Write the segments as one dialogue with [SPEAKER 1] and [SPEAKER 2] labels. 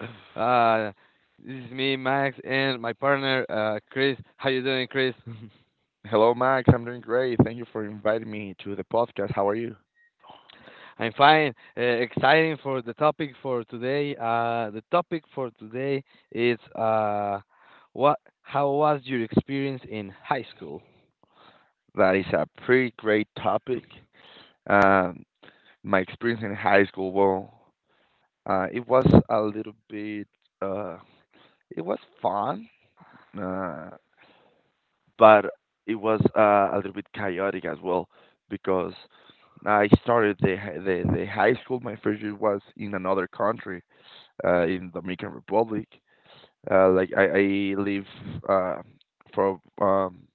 [SPEAKER 1] uh, this is me, Max, and my partner, Chris. How you doing, Chris?
[SPEAKER 2] Max. I'm doing great. Thank you for inviting me to the podcast. How are you?
[SPEAKER 1] I'm fine. Exciting for the topic for today. The topic for today is What? How was your experience in high school?
[SPEAKER 2] That is a pretty great topic. Um, my experience in high school, well, it was a little bit, uh, it was fun, uh, but it was a little bit chaotic as well because I started the, hi- the high school. My first year was in another country, in Dominican Republic. Like I live uh, for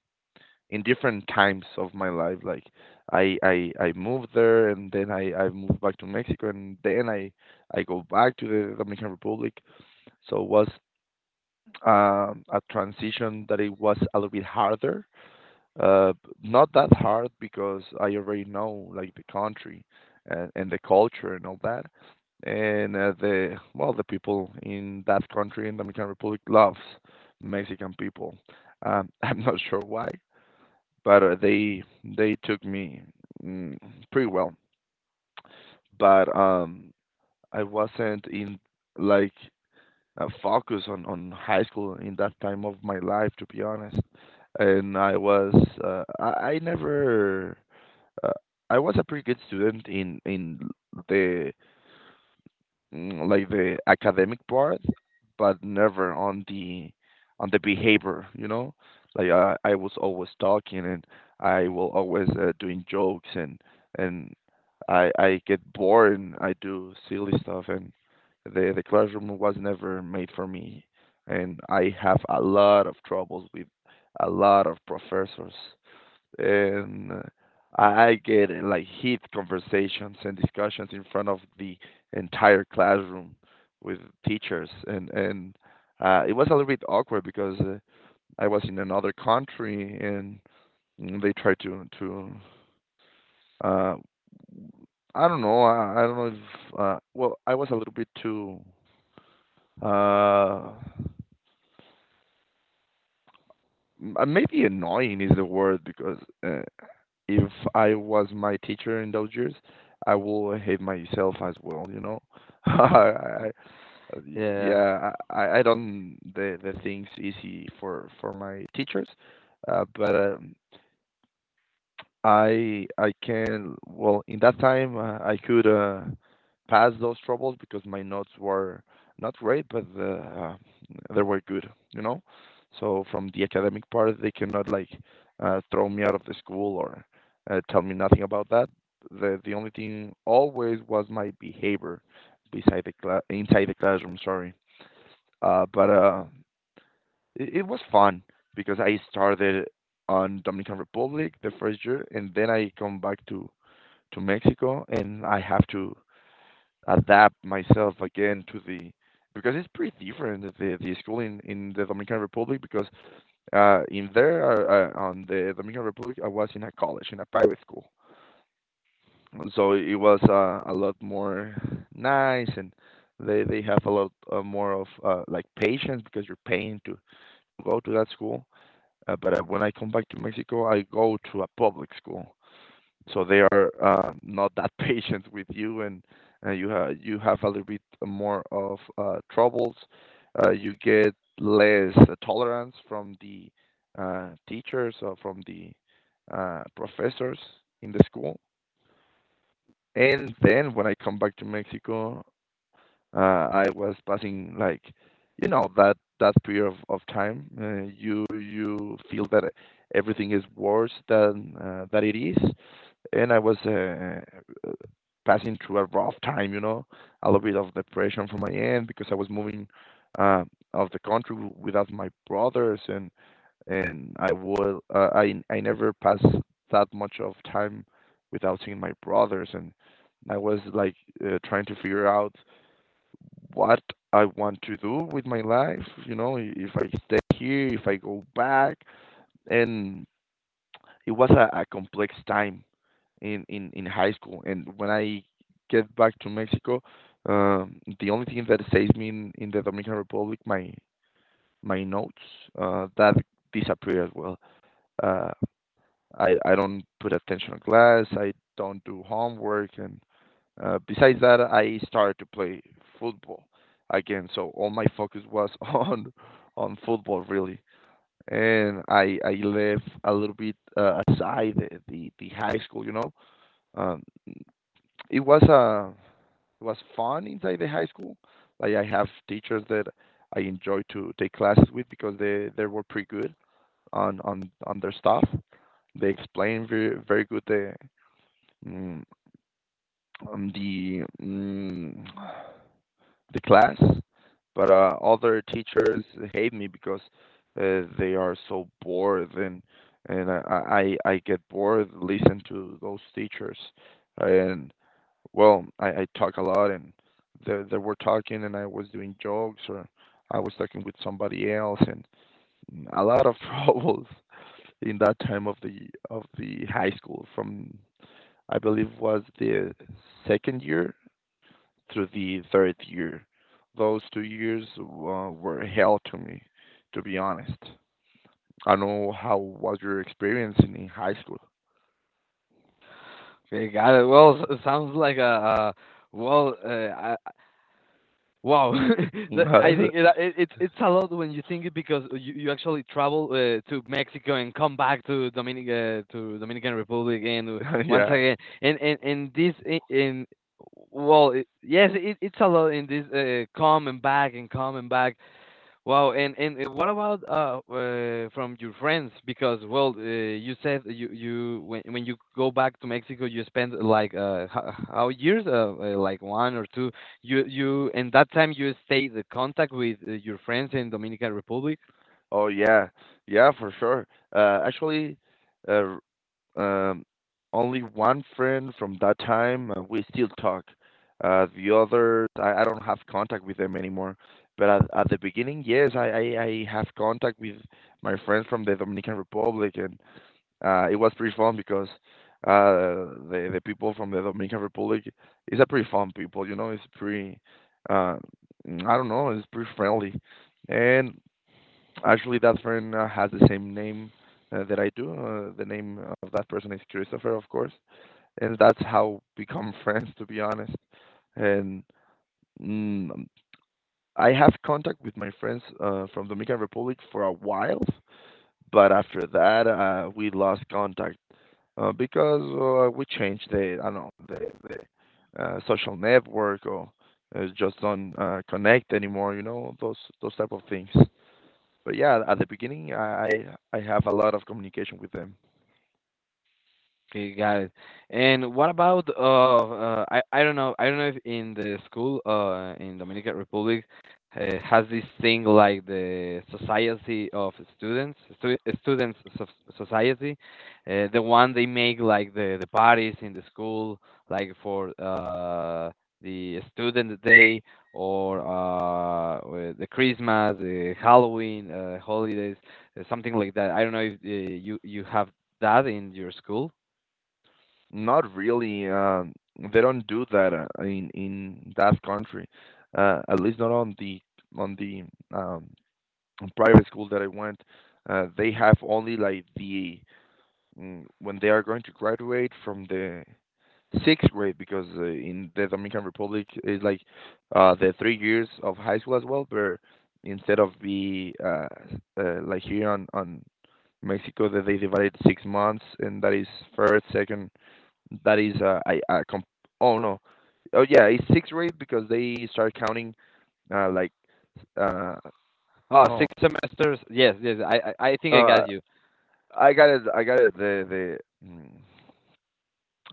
[SPEAKER 2] in different times of my life. Like I moved there, and then I moved back to Mexico, and then I go back to the Dominican Republic. So it was a transition that it was a little bit harder, uh, not that hard because I already know like the country and the culture and all that. And the people in that country in Dominican Republic loves Mexican people. I'm not sure why, but they took me mm, pretty well. But I wasn't in like focus on high school in that time of my life, to be honest. And I was I never uh, I was a pretty good student in the like the academic part, but never on the behavior. You know, like I was always talking, and I will always doing jokes, and I get bored, and I do silly stuff, and the classroom was never made for me, and I have a lot of troubles with a lot of professors. And I get like heat conversations and discussions in front of the entire classroom with teachers, and it was a little bit awkward because I was in another country, and they tried to uh, I don't know. I don't know if I was a little bit too, uh, maybe annoying is the word because, uh, if I was my teacher in those years, I will hate myself as well, you know. I,
[SPEAKER 1] Uh,
[SPEAKER 2] I-
[SPEAKER 1] Yeah.
[SPEAKER 2] yeah, I don't the things easy for my teachers, but I can well in that time I could pass those troubles because my notes were not great, but they were good, you know. So from the academic part, they cannot like throw me out of the school or tell me nothing about that. The only thing always was my behavior beside the cla inside the classroom. Sorry, but it, it was fun because I started on Dominican Republic the first year, and then I come back to Mexico, and I have to adapt myself again to the, because it's pretty different the school in the Dominican Republic, because in there on the Dominican Republic I was in a college in a private school, so it was a lot more nice and. They have a lot more of like patience because you're paying to go to that school, but when I come back to Mexico, I go to a public school, so they are not that patient with you, and you have, you have a little bit more of troubles. You get less tolerance from the teachers or from the professors in the school. And then when I come back to Mexico, I was passing like, you know, that that period of time you you feel that everything is worse than that it is, and I was passing through a rough time, you know, a little bit of depression from my end because I was moving out of the country without my brothers, and I would, I never passed that much of time without seeing my brothers, and I was like trying to figure out what I want to do with my life, you know. If I stay here, if I go back. And it was a complex time in high school. And when I get back to Mexico, the only thing that saves me in the Dominican Republic, my notes, that disappear as well. Uh, I don't put attention on class. I don't do homework, and besides that, I started to play football again. So all my focus was on football really, and I left a little bit aside the high school. You know, um, it was uh it was fun inside the high school. Like I have teachers that I enjoy to take classes with because they were pretty good on their stuff. They explain very very good the mm, um, the mm, the class, but other teachers hate me because they are so bored, and I get bored listening to those teachers, and well, I talk a lot, and they were talking, and I was doing jokes, or I was talking with somebody else, and a lot of troubles in that time of the high school from, I believe, was the second year through the third year. Those 2 years were hell to me, to be honest. I know how was your experience in high school.
[SPEAKER 1] Okay, got it. Well, sounds like a, well. Wow, I think it's it's a lot when you think it, because you actually travel to Mexico and come back to Dominic to Dominican Republic and once
[SPEAKER 2] Yeah.
[SPEAKER 1] again, and this I- in well it, yes, it, it's a lot, in this come and back and come and back. Wow, and what about from your friends? Because you said you you when you go back to Mexico, you spend like how years, like one or two. You and that time, you stayed in contact with your friends in Dominican Republic.
[SPEAKER 2] Oh yeah. Yeah, for sure. Uh, actually, uh, um, only one friend from that time. We still talk. The others, I don't have contact with them anymore. But at the beginning, yes, I have contact with my friends from the Dominican Republic, and it was pretty fun because the people from the Dominican Republic is a pretty fun people. You know, it's pretty. Uh, I don't know, it's pretty friendly, and actually, that friend has the same name that I do. The name of that person is Christopher, of course, and that's how become friends, to be honest. And mm, I have contact with my friends from Dominican Republic for a while, but after that, we lost contact because we changed the, I don't know, the social network, or just don't connect anymore. You know, those type of things. But yeah, at the beginning, I have a lot of communication with them.
[SPEAKER 1] Okay, got it. And what about I don't know, if in the school in Dominican Republic has this thing like the society of students, students society, the one they make like the parties in the school, like for the student day, or the Christmas, the Halloween, holidays, something like that. I don't know if you you have that in your school.
[SPEAKER 2] Not really. They don't do that in that country. At least not on the on the um, private school that I went. They have only like the when they are going to graduate from the sixth grade, because in the Dominican Republic is like the 3 years of high school as well, but instead of the like here on Mexico that they divided 6 months, and that is first, second, that is I comp- oh no, oh yeah, it's sixth grade because they start counting uh, like uh,
[SPEAKER 1] Oh, six
[SPEAKER 2] no,
[SPEAKER 1] semesters. Yes, yes. I think I got
[SPEAKER 2] uh,
[SPEAKER 1] you.
[SPEAKER 2] I got it, Mm,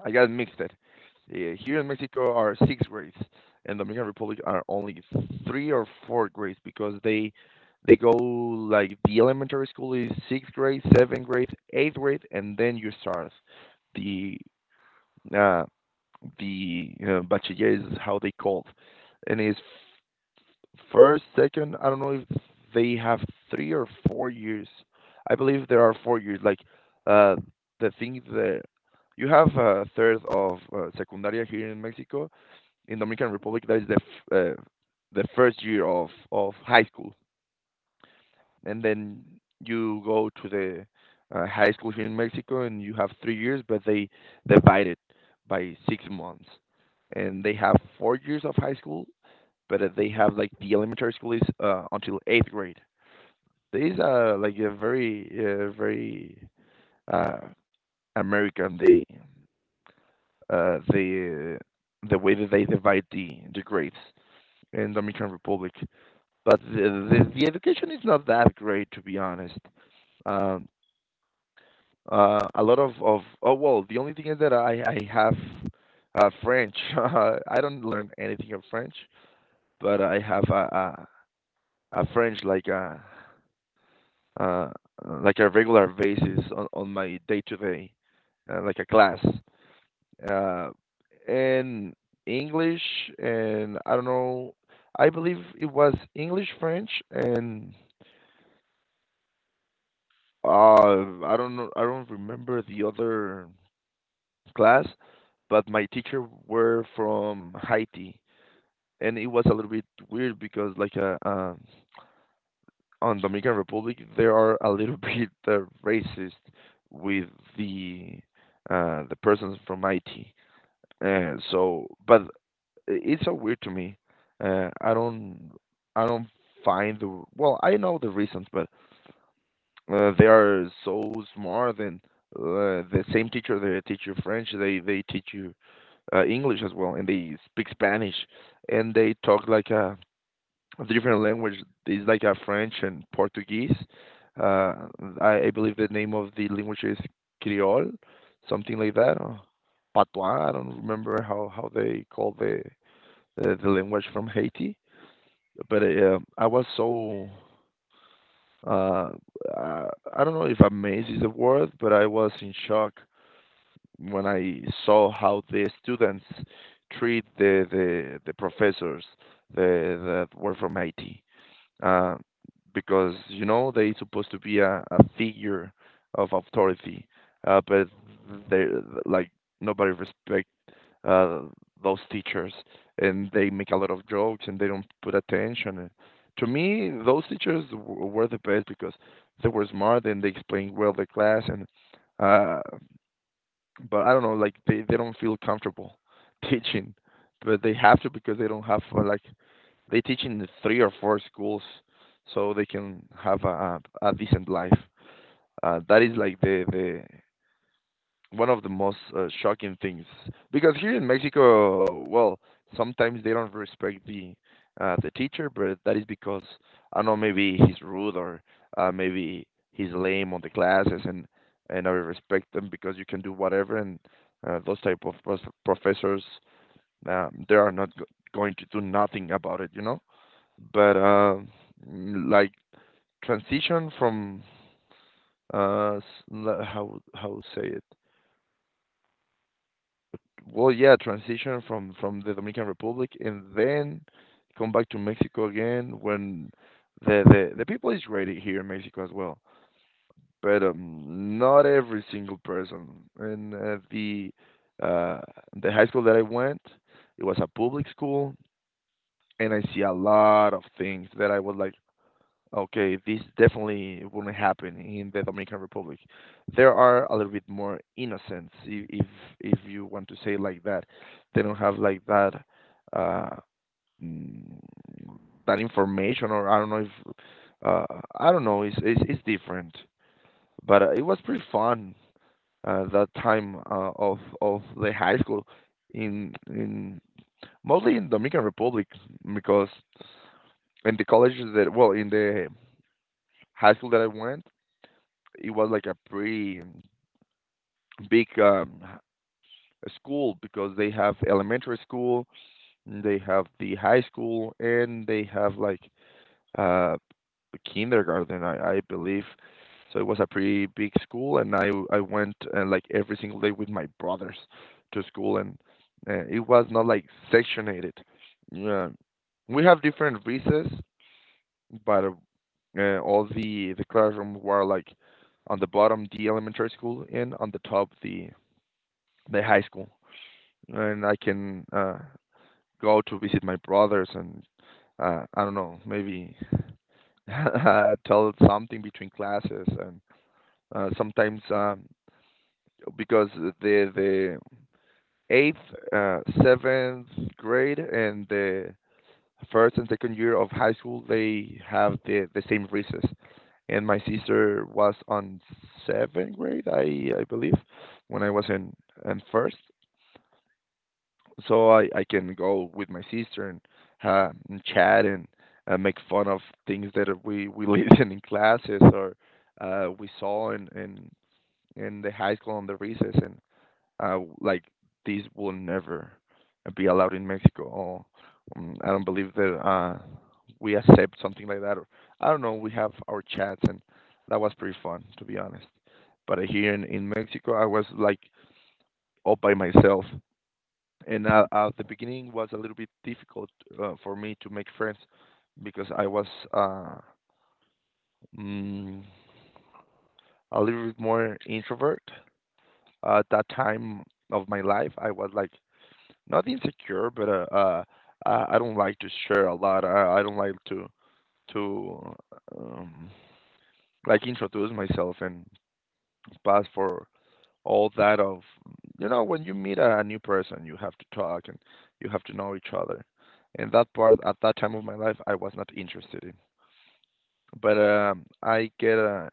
[SPEAKER 2] I got mixed it. Here in Mexico are six grades, and Dominican Republic are only three or four grades, because they go like the elementary school is sixth grade, seventh grade, eighth grade, and then you start the uh, the bachiller is how they called, and it's first, second, I don't know if they have 3 or 4 years. I believe there are 4 years. Like, uh, the thing that you have a third of secundaria here in Mexico. In Dominican Republic, that is the the first year of high school, and then you go to the high school here in Mexico, and you have 3 years, but they divide it by 6 months, and they have 4 years of high school, but they have like the elementary school is until eighth grade. These are like a very very uh, American, the uh, the the way that they divide the grades in Dominican Republic. But the education is not that great, to be honest. Um, a lot of oh well, the only thing is that I have French. I don't learn anything of French, but I have a French, uh, like a regular basis on my day to day, like a class. Uh, and English, and I don't know, I believe it was English, French, and I don't know, I don't remember the other class, but my teacher were from Haiti, and it was a little bit weird because like on Dominican Republic they are a little bit racist with the the persons from IT. But it's so weird to me. Uh, I don't I don't find the. Well, I know the reasons, but they are so smart, and the same teacher, they teach you French, they teach you English as well, and they speak Spanish, and they talk like a of the different language is like a French and Portuguese. Uh, I believe the name of the language is Creole, something like that, or Patois. I don't remember how they call the language from Haiti. But I was so uh, uh, I don't know if amazed is the word, but I was in shock when I saw how the students treat the professors that were from Haiti, uh, because, you know, they supposed to be a figure of authority, but they, like, nobody respect uh, those teachers, and they make a lot of jokes and they don't put attention. And to me, those teachers were the best because they were smart and they explained well the class. And uh, but I don't know, like they don't feel comfortable teaching, but they have to because they don't have like they teach in three or four schools, so they can have a decent life. That is like the one of the most shocking things, because here in Mexico, well, sometimes they don't respect the teacher, but that is because I don't know, maybe he's rude, or maybe he's lame on the classes. And I respect them because you can do whatever, and those type of professors, they are not go- going to do nothing about it, you know. But like transition from uh s- how say it? Well, yeah, transition from the Dominican Republic and then come back to Mexico again when the people is ready here in Mexico as well. But not every single person. And uh, the high school that I went, it was a public school, and I see a lot of things that I was like, okay, this definitely wouldn't happen in the Dominican Republic. There are a little bit more innocents, if you want to say like that. They don't have like that uh, mm, that information, or I don't know if uh, I don't know. It's different, but it was pretty fun that time of the high school in, mostly in Dominican Republic, because in the college that, well, in the high school that I went, it was like a pretty big school, because they have elementary school, they have the high school, and they have like uh, kindergarten, I believe. So it was a pretty big school, and I went like every single day with my brothers to school. And it was not like sectionated. Yeah, we have different recess, but all the classrooms were like on the bottom the elementary school and on the top the high school. And I can go to visit my brothers, and I don't know, maybe tell something between classes. And sometimes because the eighth, seventh grade and the first and second year of high school, they have the same recess. And my sister was on seventh grade, I believe, when I was in first, so I can go with my sister, and and chat and make fun of things that we listen in classes, or we saw in in the high school on the recess. And like these will never be allowed in Mexico. Or, I don't believe that we accept something like that. Or, I don't know. We have our chats, and that was pretty fun, to be honest. But here in Mexico, I was like all by myself, and at the beginning was a little bit difficult for me to make friends because I was uh, mm, a little bit more introvert at that time of my life. I was like not insecure, but I don't like to share a lot. I don't like to to um, like introduce myself and pass for all that of, you know, when you meet a new person, you have to talk and you have to know each other. And that part at that time of my life, I was not interested in. But I get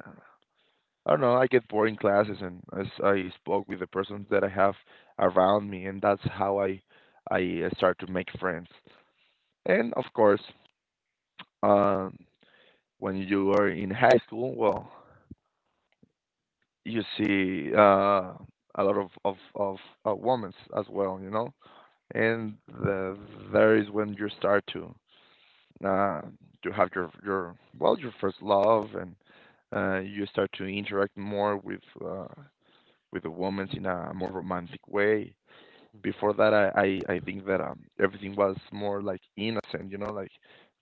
[SPEAKER 2] I don't know. I get boring classes, and as I spoke with the persons that I have around me, and that's how I start to make friends. And of course, um, when you are in high school, well, you see a lot of women as well, you know. And the, there is when you start uh, to have your well, your first love. And you start to interact more with the women in a more romantic way. Before that, I think that everything was more like innocent, you know, like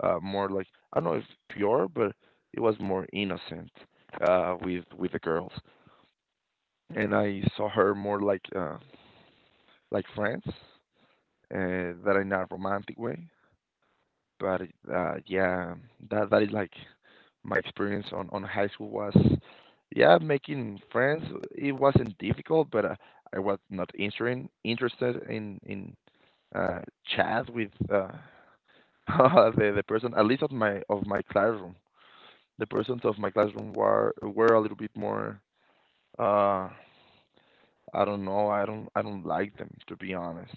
[SPEAKER 2] more like, I don't know if pure, but it was more innocent with the girls, and I saw her more like friends, that in a romantic way. But yeah, that is like my experience on high school was, yeah, making friends. It wasn't difficult, but I was not interested in uh, chat with the person, at least of my classroom. The persons of my classroom were a little bit more. Uh, I don't know. I don't like them, to be honest.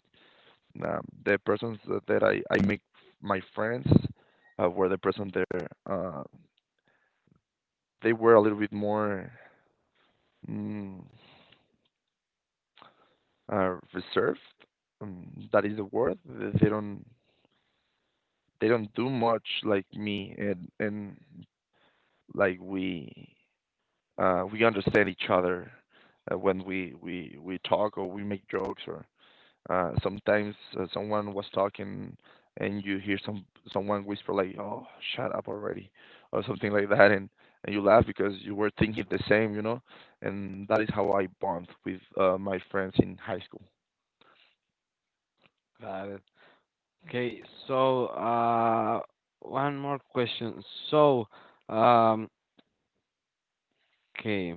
[SPEAKER 2] Uh, the persons that I make my friends, were the person there. They were a little bit more mm, reserved. That is the word. They don't do much like me, and like we, we understand each other when we talk, or we make jokes, or sometimes someone was talking and you hear someone whisper, like, oh, shut up already, or something like that. And you laugh because you were thinking the same, you know. And that is how I bond with my friends in high school.
[SPEAKER 1] Got it. Okay, so one more question. So, um, okay,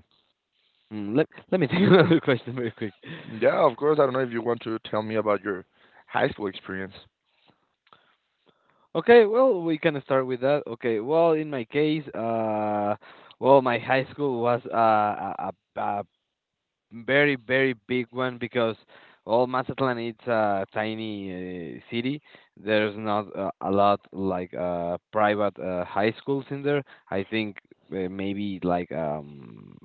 [SPEAKER 1] let me take another question very quick.
[SPEAKER 2] Yeah, of course. I don't know if you want to tell me about your high school experience.
[SPEAKER 1] Okay, well, we can start with that. Okay, well, in my case, well, my high school was a very very big one, because all Mazatlan, it's a tiny city. There's not a lot like private high schools in there. I think maybe like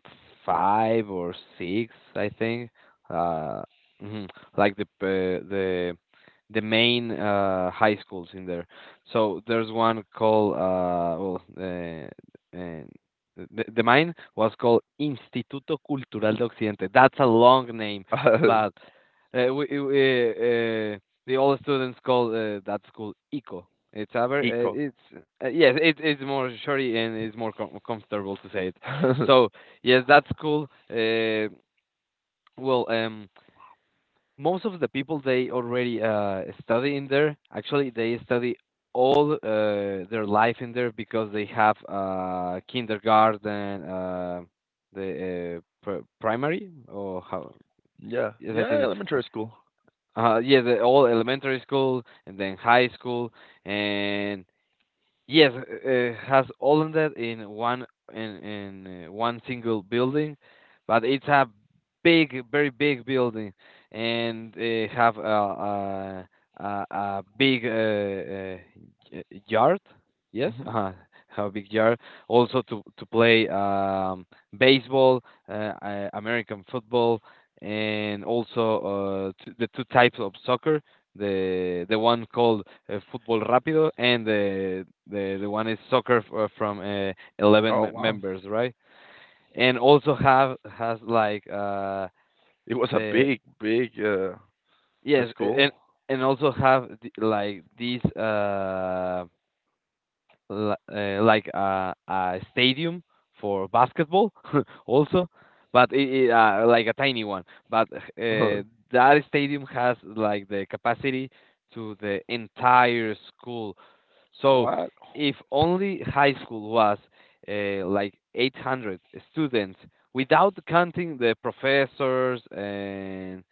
[SPEAKER 1] five or six. I think uh mhm, like the main high schools in there. So there's one called the mine was called Instituto Cultural de Occidente. That's a long name,
[SPEAKER 2] Uh,
[SPEAKER 1] but uh, we, we, uh, uh, the old students call that school ICO. It's ever,
[SPEAKER 2] Eco.
[SPEAKER 1] it's Yes, it, it's more shorty and it's more comfortable to say it. So yes, that school. Well, most of the people, they already study in there. Actually they study all their life in there, because they have kindergarten, primary, or how?
[SPEAKER 2] Yeah,
[SPEAKER 1] Yes, I
[SPEAKER 2] yeah,
[SPEAKER 1] think,
[SPEAKER 2] elementary school.
[SPEAKER 1] yeah, the all elementary school and then high school, and yes, it has all of that in one, in one single building, but it's a big, very big building, and have a big yard. Yes,
[SPEAKER 2] Hmm.
[SPEAKER 1] have a big yard. Also to play baseball, uh, American football, and also the two types of soccer, the one called Football Rápido, and the one is soccer from 11
[SPEAKER 2] Oh, wow.
[SPEAKER 1] members, right? And also have has like
[SPEAKER 2] It was a
[SPEAKER 1] the
[SPEAKER 2] big, big,
[SPEAKER 1] yes, a-
[SPEAKER 2] school.
[SPEAKER 1] and also have like these like a stadium for basketball also, but like a tiny one, but that stadium has like the capacity to the entire school. So
[SPEAKER 2] What?
[SPEAKER 1] if only high school was like 800 students, without counting the professors and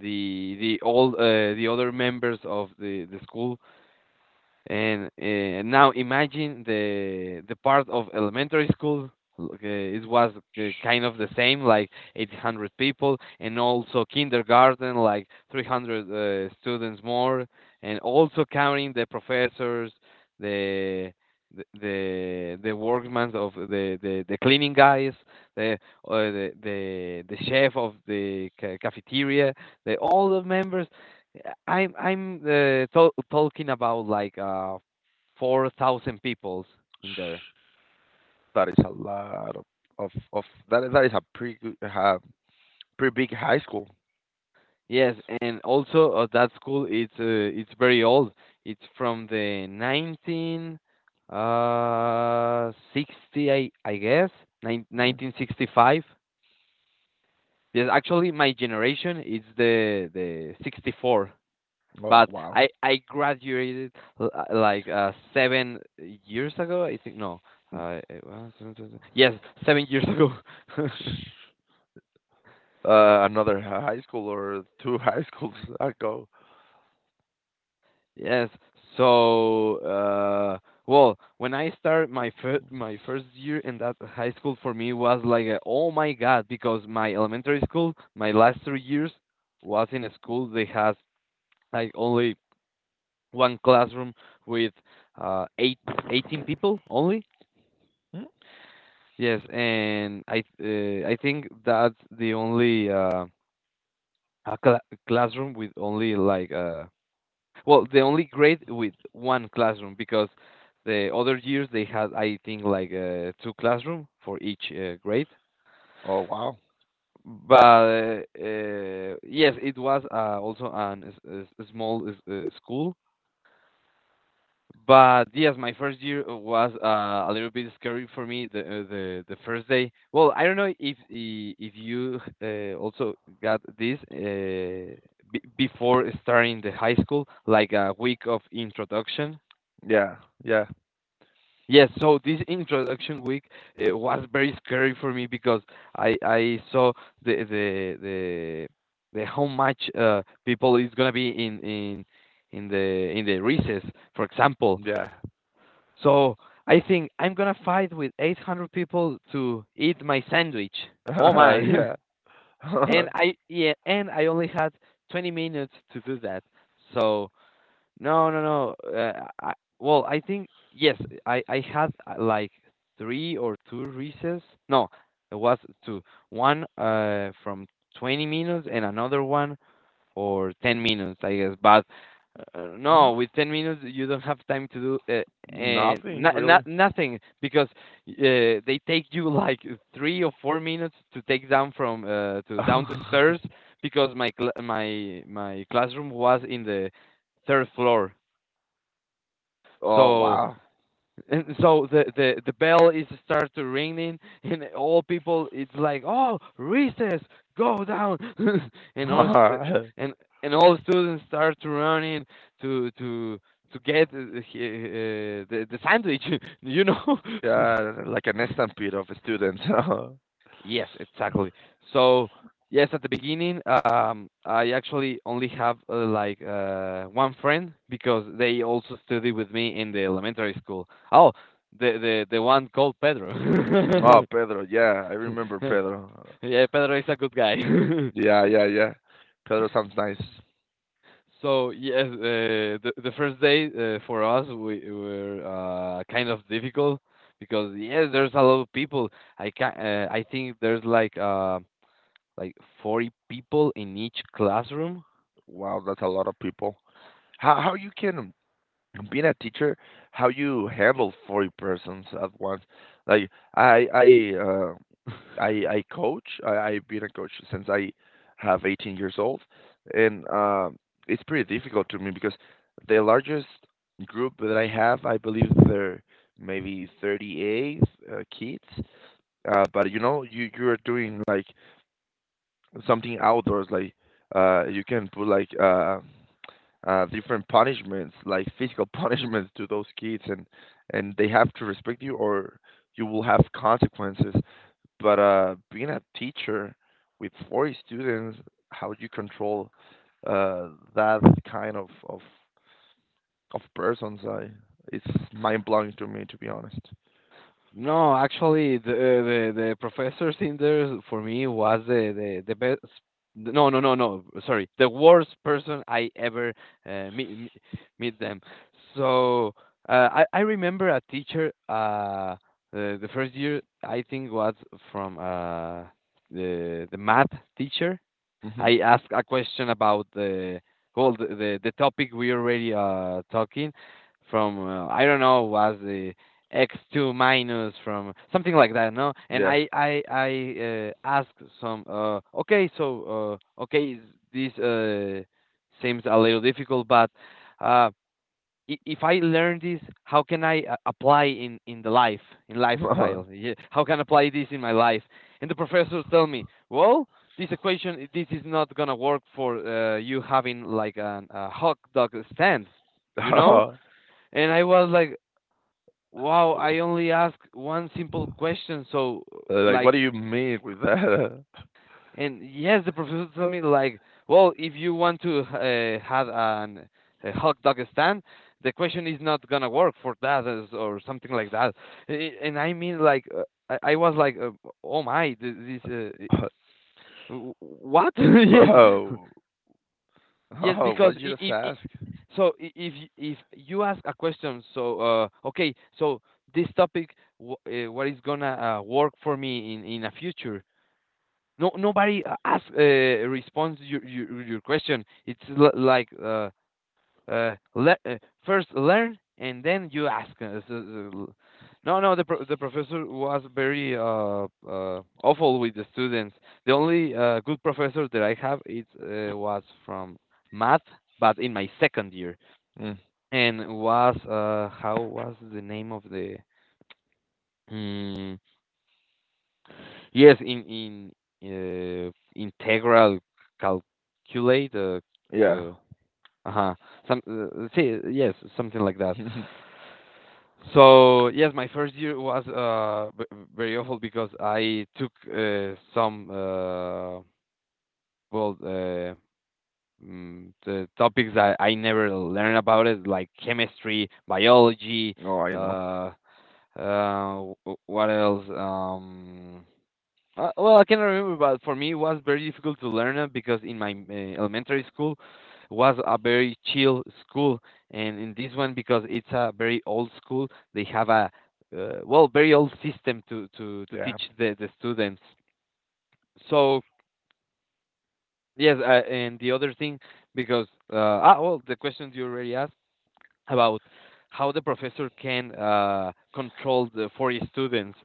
[SPEAKER 1] the other members of the school, and now imagine the part of elementary school. It was kind of the same, like 800 people, and also kindergarten, like 300 students more, and also counting the professors, the the workmen of the cleaning guys, the, the chef of the cafeteria, the all the members. Talking about like 4,000 peoples in there.
[SPEAKER 2] That is a lot of that is a pretty good, pretty big high school.
[SPEAKER 1] Yes, and also that school, it's very old. It's from the nineteen sixty, I guess nine,
[SPEAKER 2] Mhm.
[SPEAKER 1] 1965. Yes, actually my generation is the 64.
[SPEAKER 2] Oh,
[SPEAKER 1] But
[SPEAKER 2] wow.
[SPEAKER 1] I graduated like 7 years ago. I think no,
[SPEAKER 2] Mm.
[SPEAKER 1] it was yes, 7 years ago.
[SPEAKER 2] Another high school, or two high schools ago.
[SPEAKER 1] Yes. So, well, when I started my first year in that high school, for me was like, a, oh my God, because my elementary school, my last 3 years was in a school that has like only one classroom with uh eight eighteen people only.
[SPEAKER 2] Mm.
[SPEAKER 1] Yes, and I think that's the only a cla classroom with only like the only grade with one classroom, because the other years they had, I think, like two classroom for each grade.
[SPEAKER 2] Oh, wow.
[SPEAKER 1] But yes, it was also an a, s- a s- a small school. But yes, my first year was a little bit scary for me. The first day. Well, I don't know if you, also got this b before starting the high school, like a week of introduction.
[SPEAKER 2] Yeah, yeah,
[SPEAKER 1] Yes, so this introduction week was very scary for me, because I saw the the the the how much people is gonna be in the recess, for example.
[SPEAKER 2] yeah.
[SPEAKER 1] So I think I'm gonna fight with 800 people to eat my sandwich. Oh my!
[SPEAKER 2] Yeah.
[SPEAKER 1] And I, yeah, and I only had 20 minutes to do that. So no, no, no. I, well, I think yes, I had like three or two recess. No, it was two. One from 20 minutes, and another one or 10 minutes, I guess. But
[SPEAKER 2] Mm.
[SPEAKER 1] no, with 10 minutes, you don't have time to do
[SPEAKER 2] Nothing
[SPEAKER 1] no, no,
[SPEAKER 2] really.
[SPEAKER 1] nothing, because uh, they take you like 3 or 4 minutes to take down from to down the stairs, because my my classroom was in the third floor.
[SPEAKER 2] Oh,
[SPEAKER 1] So,
[SPEAKER 2] wow.
[SPEAKER 1] and so the bell is start to ringing, and all people it's like, oh, recess, go down, and all st- and and all students start to running to to to get the sandwich, you know.
[SPEAKER 2] Yeah, like an stampede of students.
[SPEAKER 1] Yes, exactly. So, yes, at the beginning, I actually only have like one friend, because they also studied with me in the elementary school. Oh, the one called
[SPEAKER 2] Oh,
[SPEAKER 1] Pedro.
[SPEAKER 2] Pedro. Yeah, I remember Pedro.
[SPEAKER 1] Yeah, Pedro is a good guy.
[SPEAKER 2] Yeah, yeah, yeah. Pedro sounds nice.
[SPEAKER 1] So yes, the first day for us we were kind of difficult, because yes, there's a lot of people. I can, I think there's like. Like 40 people in each classroom?
[SPEAKER 2] Wow, that's a lot of people. How you can, being a teacher, how you handle 40 persons at once? Like I I uh I coach. I've been a coach since I have 18 years old, and it's pretty difficult to me because the largest group that I have, I believe there maybe 38 kids. But you know, you you're doing like something outdoors, like you can put like different punishments, like physical punishments to those kids, and they have to respect you, or you will have consequences. But being a teacher with 40 students, how do you control uh, that kind of persons? I It's mind blowing to me, to be honest.
[SPEAKER 1] No, actually, the professors in there for me was the best. No, no, no, no. Sorry, the worst person I ever meet meet them. So I remember a teacher. The first year I think was from the math teacher.
[SPEAKER 2] Hmm.
[SPEAKER 1] I asked a question about the, well, the topic we already talking from, I don't know, was the x two minus from something like that, no? And I asked some okay, is- this seems a little difficult, but uh if I learn this, how can I apply in the life, in
[SPEAKER 2] Yeah.
[SPEAKER 1] lifestyle? Yeah, how can I apply this in my life? And the professor tell me, well, this equation, this is not gonna work for you having like an, a hot dog stand, you know? And I was like, wow, I only ask one simple question, so
[SPEAKER 2] Like,
[SPEAKER 1] like.
[SPEAKER 2] what do you mean with that?
[SPEAKER 1] And yes, the professor told me like, well, if you want to have an, a hot dog stand, the question is not gonna work for that, is- or something like that. And I mean like, I was like, oh my, this what? Yes,
[SPEAKER 2] Oh,
[SPEAKER 1] yes,
[SPEAKER 2] oh,
[SPEAKER 1] because
[SPEAKER 2] what you just ask?
[SPEAKER 1] if y- if you ask a question, so, okay, so this topic, what is gonna work for me in a future? No, nobody ask responds your, question. It's like, uh, le- uh, first learn and then you ask. No, no, the the professor was very awful with the students. The only good professor that I have it was from math, but in my second year,
[SPEAKER 2] Mm,
[SPEAKER 1] and was how was the name of the? hmm, Yes, in integral calculate,
[SPEAKER 2] yeah.
[SPEAKER 1] uh uh-huh, some, see, yes, something like that. So yes, my first year was very awful because I took, some, well uh the topics that I never learned about, it like chemistry, biology.
[SPEAKER 2] No, I know.
[SPEAKER 1] uh what else? Well, I cannot remember, but for me, it was very difficult to learn it because in my, elementary school was a very chill school. And in this one, because it's a very old school, they have a, very old system to
[SPEAKER 2] Yeah.
[SPEAKER 1] teach the students. So yes, and the other thing, because, the question you already asked, about how the professor can, control the 40 students.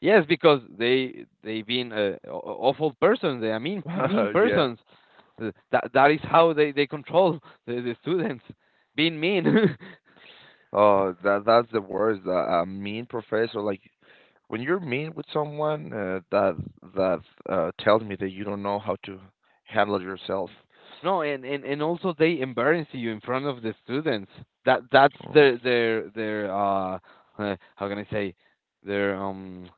[SPEAKER 1] Yes, because they been, awful persons. They are mean
[SPEAKER 2] Yeah.
[SPEAKER 1] persons. That is how they control the students, being mean.
[SPEAKER 2] Oh, that that's the worst. A mean professor, like when you're mean with someone, that tells me that you don't know how to handle yourself.
[SPEAKER 1] No, and also they embarrass you in front of the students. That that's
[SPEAKER 2] Mm,
[SPEAKER 1] their their their uh, uh how can I say, their,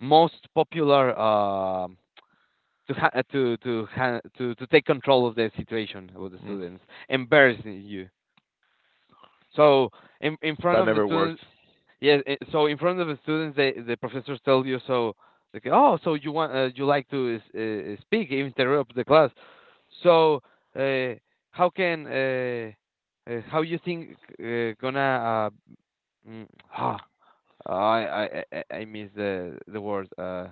[SPEAKER 1] most popular, to ha- to ha- to take control of the situation with the
[SPEAKER 2] mm,
[SPEAKER 1] students, embarrassing you. So in front
[SPEAKER 2] that
[SPEAKER 1] of the
[SPEAKER 2] never works.
[SPEAKER 1] students. Yes. So in front of the students, they, the professors tell you, so. Like, oh, so you want, you like to speak, interrupt the class. So, uh, how you think, gonna, uh, mm, ah, I miss the word,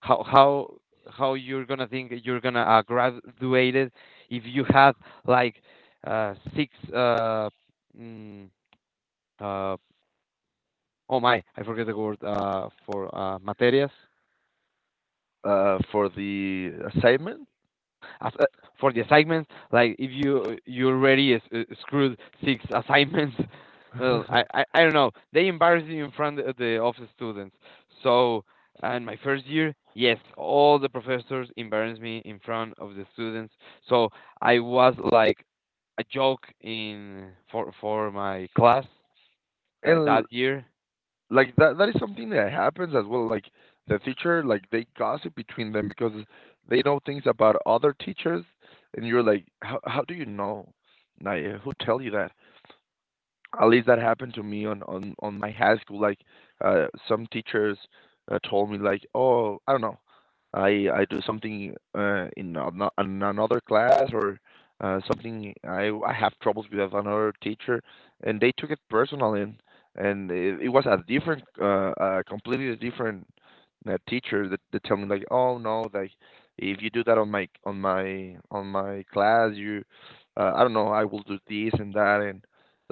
[SPEAKER 1] how, how you're gonna think you're gonna, graduate it if you have, like, six, mm, uh oh my, I forget the word, for, materias.
[SPEAKER 2] For the assignment,
[SPEAKER 1] As, for the assignments, like, if you already is, screwed six assignments. Well, I, I I don't know. They embarrass you in front of the students. So, and my first year, yes, all the professors embarrassed me in front of the students. So I was like a joke in, for my class, that
[SPEAKER 2] and
[SPEAKER 1] that year.
[SPEAKER 2] like that that is something that happens as well, like the teacher, like they gossip between them because they know things about other teachers, and you're like, how do you know, Naya, who tell you that? At least that happened to me on my high school. Like some teachers told me like, oh, I don't know, I do something in another class, or something I have troubles with another teacher, and they took it personally. And it was a different completely different teacher that tell me, like, "Oh no, like if you do that on my class, you I don't know, I will do this and that, and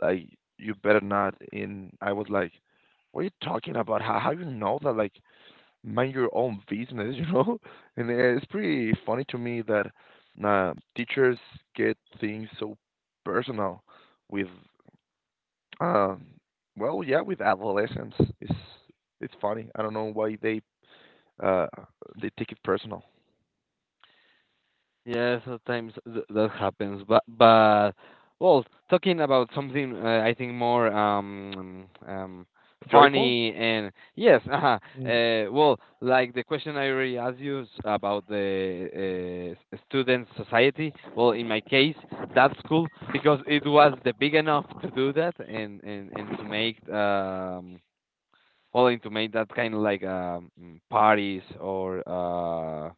[SPEAKER 2] like, you better not." And I was like, what are you talking about? How you know that? Like, mind your own business, you know? And it's pretty funny to me that teachers get things so personal with, um well, yeah, with adolescents. It's funny. I don't know why uh they take it personal.
[SPEAKER 1] Yeah, sometimes that happens. But well, talking about something, I think more,
[SPEAKER 2] Joyful?
[SPEAKER 1] funny, and yes.
[SPEAKER 2] Mm.
[SPEAKER 1] Like, the question I already asked you is about the, student society. Well, in my case, that's cool because it was the big enough to do that, and to make, and to make that kind of, like, parties, or,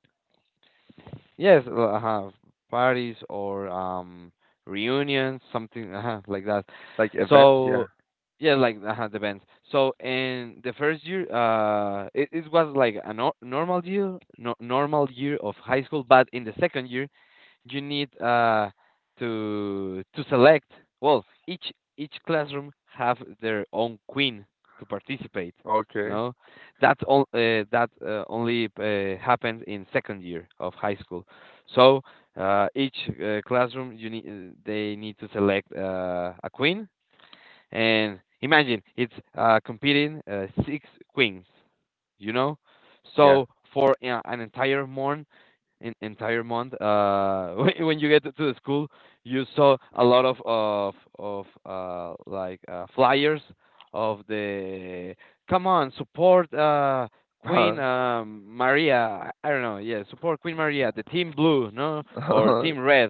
[SPEAKER 1] yes, well, parties, or, reunions, something, like that.
[SPEAKER 2] Like events? Yeah.
[SPEAKER 1] So yeah, like, depends. So in the first year, it was like a normal year, no, normal year of high school. But in the second year, you need, to select. Well, each classroom have their own queen to participate.
[SPEAKER 2] Okay.
[SPEAKER 1] No, that all, that only, happens in second year of high school. So, each classroom you need, they need to select, a queen, and imagine it's, competing, six queens. You know,
[SPEAKER 2] Yeah.
[SPEAKER 1] so for, an entire month, in entire month, when you get to the school, you saw a lot of like, flyers of the, come on, support, queen, Maria, I don't know, yeah, support queen Maria, the team blue, no, or team red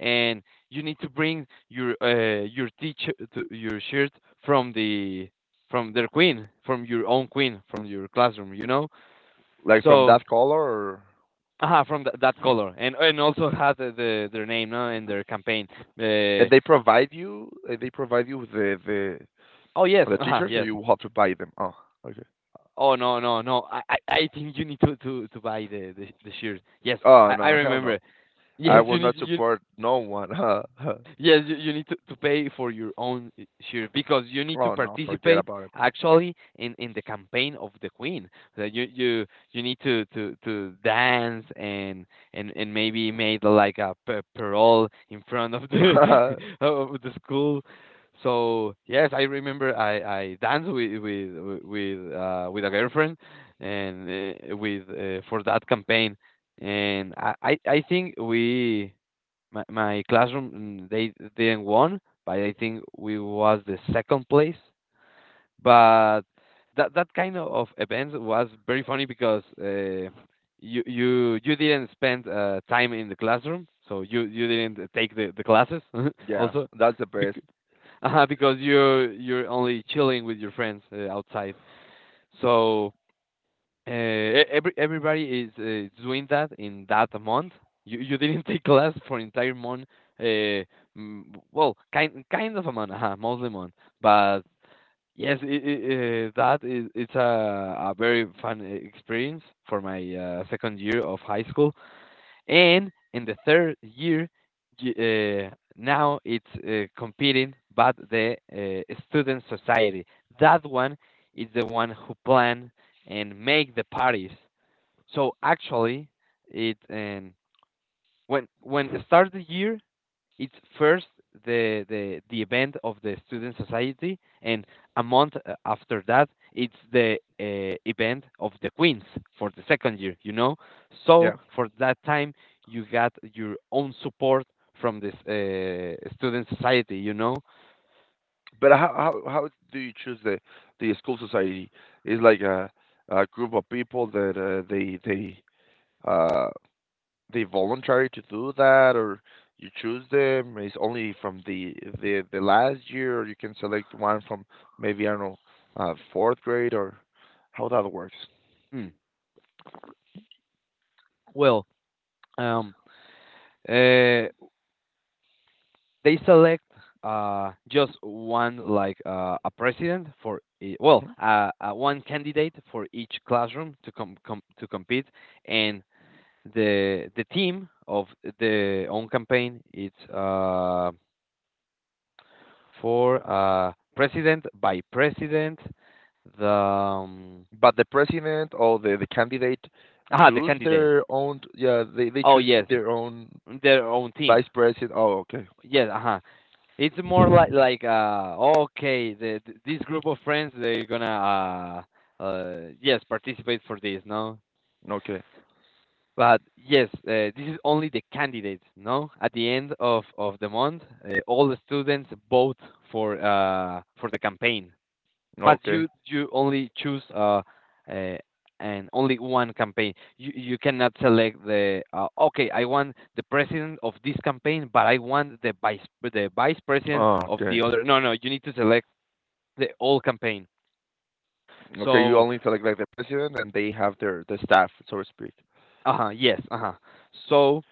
[SPEAKER 1] and You need to bring your, your teacher, to your shirt, from the, from their queen, from your own queen from your classroom.
[SPEAKER 2] Like from
[SPEAKER 1] So,
[SPEAKER 2] that color, or.
[SPEAKER 1] from that color, and also had their name, no, and their campaign.
[SPEAKER 2] And
[SPEAKER 1] Uh,
[SPEAKER 2] they provide you They provide you with the the
[SPEAKER 1] oh, yes,
[SPEAKER 2] the t-shirts, or
[SPEAKER 1] yes.
[SPEAKER 2] you have to buy them? Oh, okay.
[SPEAKER 1] Oh, no, no, no. I think you need to buy the shirt. Yes,
[SPEAKER 2] Oh
[SPEAKER 1] I
[SPEAKER 2] no, hell
[SPEAKER 1] remember.
[SPEAKER 2] no. I
[SPEAKER 1] Yes,
[SPEAKER 2] will
[SPEAKER 1] you need,
[SPEAKER 2] not
[SPEAKER 1] you,
[SPEAKER 2] support no one.
[SPEAKER 1] yes, you need to pay for your own share, because you need to
[SPEAKER 2] Oh no, forget
[SPEAKER 1] participate,
[SPEAKER 2] about it.
[SPEAKER 1] actually, in the campaign of the queen. So you need to dance, and, and maybe made like a parole in front of the of the school. So yes, I remember, I danced with a girlfriend, and with for that campaign, and, I think we, my classroom, they didn't won, but I think we was the second place. But that kind of events was very funny because, you didn't spend, time in the classroom, so you didn't take the classes,
[SPEAKER 2] Yeah,
[SPEAKER 1] also.
[SPEAKER 2] that's the best.
[SPEAKER 1] Bec- because you're only chilling with your friends, outside. So, everybody is, doing that in that month. You didn't take class for entire month. Uh, mm, well, kind of a month, mostly month. But yes, I that is, it's a very fun, experience for my, second year of high school. And in the third year, now it's, competing, but the, student society. That one is the one who plan and make the parties. So actually, it, when it starts the year, it's first the event of the student society, and a month, after that, it's the, event of the queens for the second year. So
[SPEAKER 2] Yeah.
[SPEAKER 1] for that time, you got your own support from this, student society.
[SPEAKER 2] But how do you choose the school society? Is like a group of people that uh they voluntary to do that, or you choose them? It's only from the last year, or you can select one from, maybe I don't know, fourth grade, or how that works?
[SPEAKER 1] Mm. well, um, uh, they select, just one, like, a president for,
[SPEAKER 2] Hmm.
[SPEAKER 1] one candidate for each classroom to compete. And the team of the own campaign, it's, for president by president, the,
[SPEAKER 2] But the president, or the candidate
[SPEAKER 1] the
[SPEAKER 2] choose
[SPEAKER 1] candidate.
[SPEAKER 2] their own? Yeah, they
[SPEAKER 1] Oh
[SPEAKER 2] choose
[SPEAKER 1] yes,
[SPEAKER 2] their own.
[SPEAKER 1] their own team.
[SPEAKER 2] Vice president, oh okay.
[SPEAKER 1] Yes, uh-huh. It's more, like, okay, this group of friends, they're gonna, yes, participate for this, no?
[SPEAKER 2] Okay.
[SPEAKER 1] But yes, this is only the candidates, no? At the end of the month, all the students vote for, for the campaign. But
[SPEAKER 2] Okay.
[SPEAKER 1] you only choose, uh and only one campaign. You cannot select the, okay, I want the president of this campaign, but I want the vice president
[SPEAKER 2] Oh,
[SPEAKER 1] of
[SPEAKER 2] okay.
[SPEAKER 1] the other. No, no. You need to select the all campaign.
[SPEAKER 2] Okay, you
[SPEAKER 1] So
[SPEAKER 2] only select like the president, and they have their, the staff, so to speak.
[SPEAKER 1] uh huh. Yes. Uh huh. So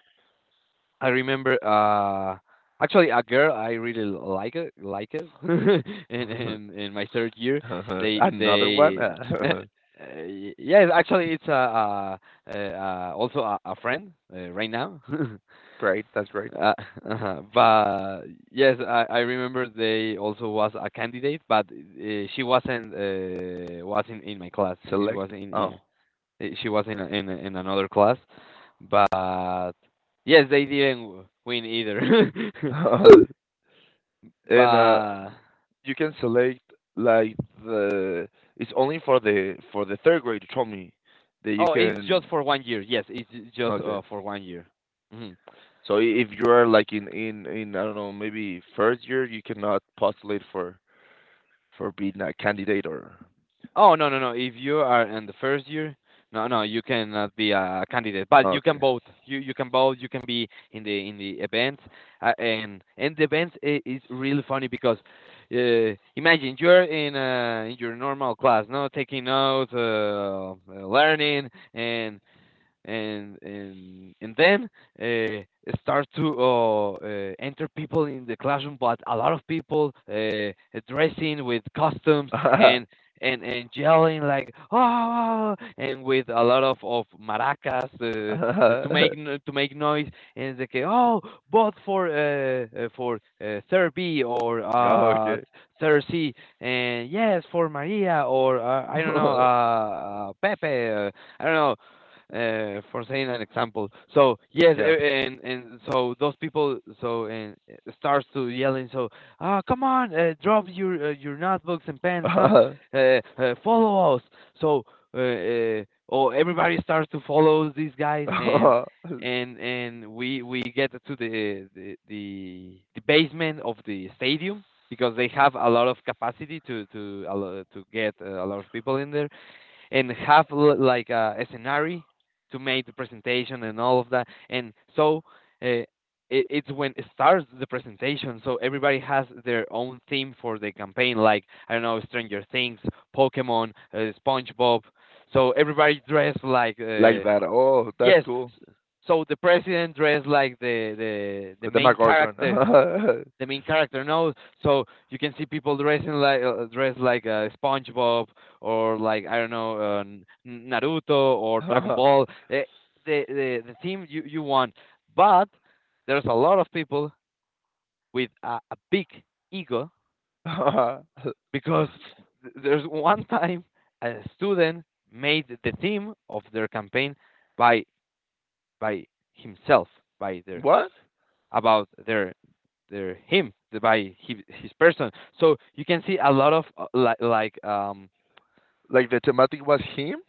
[SPEAKER 1] I remember, actually, a girl I really like it, in in in my third year, they
[SPEAKER 2] Another one.
[SPEAKER 1] they uh, yeah, actually, it's a, also a friend, right now.
[SPEAKER 2] Great, that's great.
[SPEAKER 1] uh, but yes, I remember, they also was a candidate, but, she wasn't, was in my class, she was
[SPEAKER 2] Select? Oh.
[SPEAKER 1] she was in another class. But yes, they didn't win either.
[SPEAKER 2] And
[SPEAKER 1] But
[SPEAKER 2] you can select, like the it's only for the third grade, you told me, that you
[SPEAKER 1] oh, it's just
[SPEAKER 2] can.
[SPEAKER 1] for one year. Yes, it's just,
[SPEAKER 2] Okay.
[SPEAKER 1] for one year. Mhm.
[SPEAKER 2] So if you are like in I don't know, maybe first year, you cannot postulate for being a candidate, or.
[SPEAKER 1] Oh, no, no, no. If you are in the first year, no, no, you cannot be a candidate, but you can
[SPEAKER 2] Okay.
[SPEAKER 1] vote. You can vote. You can be in the, events. And The events, is really funny, because, imagine you're in your normal class, no, taking notes, learning, and then, start to, enter people in the classroom, but a lot of people, dressing with costumes, and and yelling, like, oh, oh, oh, and with a lot of maracas, to make to make noise, and they say, oh, vote for, third B, or,
[SPEAKER 2] Oh, okay.
[SPEAKER 1] third C, and yes, for Maria, or, I don't know, Pepe, I don't know, for saying an example. So yes,
[SPEAKER 2] Yeah.
[SPEAKER 1] and so those people, so, and, starts to yelling. So, come on, drop your, your notebooks and pens. Come, follow us. So, uh, uh, oh, everybody starts to follow these guys, and. And we get to the basement of the stadium, because they have a lot of capacity to to get, a lot of people in there, and have like a scenario to make the presentation and all of that. And so, uh, it, it's when it starts the presentation. So everybody has their own theme for the campaign, like, I don't know, Stranger Things, Pokemon, SpongeBob. So everybody dressed like,
[SPEAKER 2] Like that. Oh, that's
[SPEAKER 1] yes.
[SPEAKER 2] cool.
[SPEAKER 1] So the president dressed like the the
[SPEAKER 2] The
[SPEAKER 1] the main
[SPEAKER 2] Demogorgon.
[SPEAKER 1] character, the main character knows. So you can see people dressing like, dressed like, SpongeBob, or, like, I don't know, Naruto or Dragon Ball. The theme you want, but there's a lot of people with a big ego because there's one time a student made the theme of their campaign by by himself by their
[SPEAKER 2] What?
[SPEAKER 1] about their him by his person. So you can see a lot of
[SPEAKER 2] Like the thematic was him?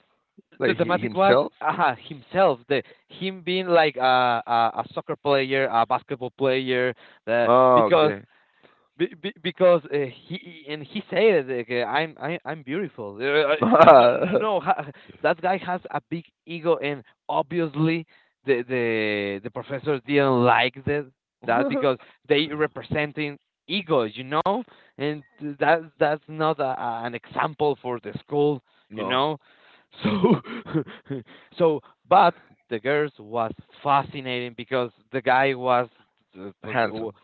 [SPEAKER 1] the
[SPEAKER 2] Like he
[SPEAKER 1] thematic was
[SPEAKER 2] himself?
[SPEAKER 1] himself, the him being like a soccer player, a basketball player, the
[SPEAKER 2] Oh,
[SPEAKER 1] because
[SPEAKER 2] okay.
[SPEAKER 1] Be, be, because uh, he and he said it, like, I'm beautiful. No, no, no, ha, that guy has a big ego, and obviously the professors didn't like that because they representing egos, and that's not an example for the school, you
[SPEAKER 2] No,
[SPEAKER 1] know. So so but the girls was fascinating because the guy was.
[SPEAKER 2] handsome.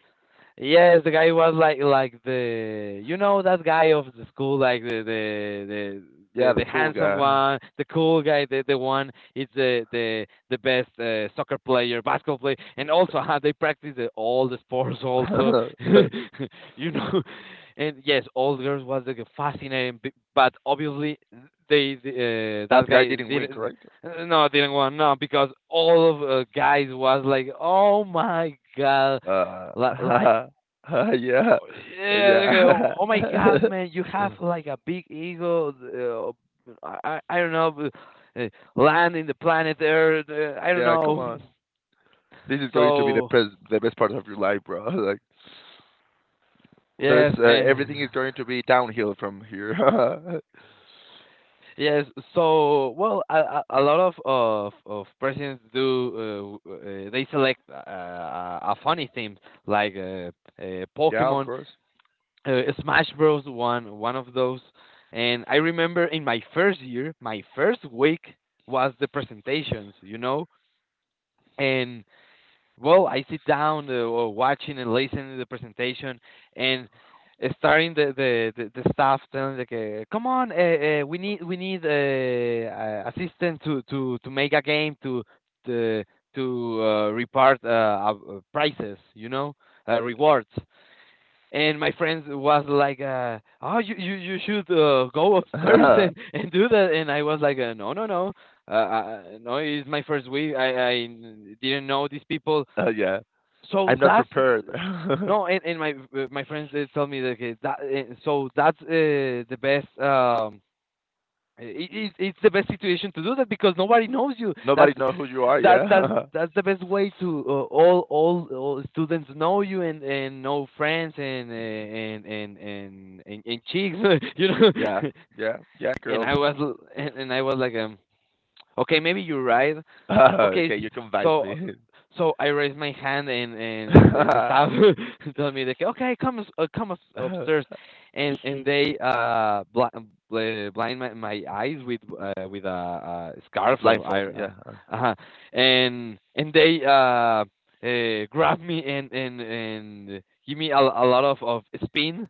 [SPEAKER 1] Yes, the guy was like the you know that guy of the school, like
[SPEAKER 2] Yeah, the
[SPEAKER 1] the
[SPEAKER 2] cool
[SPEAKER 1] handsome
[SPEAKER 2] guy.
[SPEAKER 1] one, the cool guy, the one it's the best soccer player, basketball player, and also how they practice all the sports also, you know, and yes, all girls was like fascinating, but obviously they, the
[SPEAKER 2] That
[SPEAKER 1] that
[SPEAKER 2] guy
[SPEAKER 1] guy
[SPEAKER 2] didn't wink,
[SPEAKER 1] didn't.
[SPEAKER 2] right?
[SPEAKER 1] No, didn't want no because all of guys was like, oh my God,
[SPEAKER 2] Uh,
[SPEAKER 1] li- like oh,
[SPEAKER 2] yeah,
[SPEAKER 1] yeah, like,
[SPEAKER 2] yeah,
[SPEAKER 1] oh my God, man, you have like a big ego. I don't know, but, land in the planet Earth. I don't
[SPEAKER 2] yeah. Come
[SPEAKER 1] know.
[SPEAKER 2] on, this is going to be
[SPEAKER 1] So
[SPEAKER 2] the best part of your life, bro. Like, there's
[SPEAKER 1] yes, and
[SPEAKER 2] everything is going to be downhill from here.
[SPEAKER 1] yes. So well, a lot of presidents do. They select a funny theme like
[SPEAKER 2] Yeah, of
[SPEAKER 1] Pokemon,
[SPEAKER 2] course.
[SPEAKER 1] Smash Bros., one of those, and I remember in my first year, my first week was the presentations, and well, I sit down watching and listening to the presentation, and starting the staff telling like, come on, we need assistance to make a game to to report prizes, rewards. And my friend was like oh you should go upstairs and do that. And I was like no, no, no, uh, uh no, it's my first week. I I didn't know these people,
[SPEAKER 2] Yeah.
[SPEAKER 1] so
[SPEAKER 2] I'm not
[SPEAKER 1] that's
[SPEAKER 2] prepared.
[SPEAKER 1] no. And my friends they tell me that okay, that so that's the best it's the best situation to do that because nobody knows you. That's
[SPEAKER 2] Nobody know who you are,
[SPEAKER 1] that that's
[SPEAKER 2] yeah?
[SPEAKER 1] that's the best way to all students know you and know friends and and chicks, you know.
[SPEAKER 2] Yeah, yeah, yeah,
[SPEAKER 1] and
[SPEAKER 2] girls.
[SPEAKER 1] I was and I was like, okay, maybe you're right. Okay,
[SPEAKER 2] Okay, you convince
[SPEAKER 1] so
[SPEAKER 2] me.
[SPEAKER 1] so I raised my hand and the
[SPEAKER 2] A
[SPEAKER 1] staff told me like, okay, come us upstairs, and they blind my eyes with a scarf of
[SPEAKER 2] blindfold,
[SPEAKER 1] iron.
[SPEAKER 2] yeah.
[SPEAKER 1] Uh-huh. And they grabbed me and give me a lot of spins,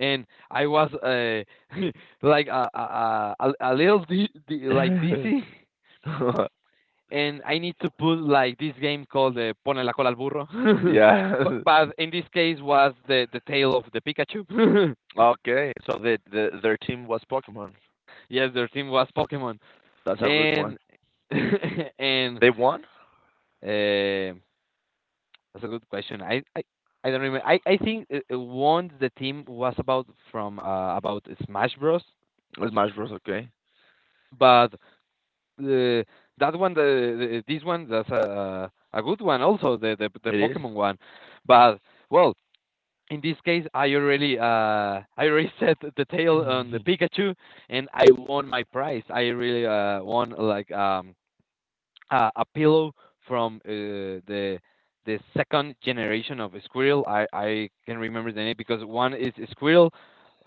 [SPEAKER 1] and I was like a little like dizzy,
[SPEAKER 2] Yeah.
[SPEAKER 1] and I need to put like this game called Pone la cola al burro, but in this case was the tail of the Pikachu.
[SPEAKER 2] Okay, so their team was Pokemon.
[SPEAKER 1] Yes, their team was Pokemon,
[SPEAKER 2] That's a good one.
[SPEAKER 1] and and
[SPEAKER 2] They won?
[SPEAKER 1] uh, that's a good question. I don't remember. I think one the team was about from about Smash Bros,
[SPEAKER 2] Smash Bros, okay.
[SPEAKER 1] but uh, that one the this one that's a good one also the
[SPEAKER 2] It is?
[SPEAKER 1] Pokemon one, but well in this case, I already set the tail on the
[SPEAKER 2] Mhm.
[SPEAKER 1] Pikachu, and I won my prize. I really won like a pillow from the second generation of Squirrel. I can remember the name because one is Squirrel,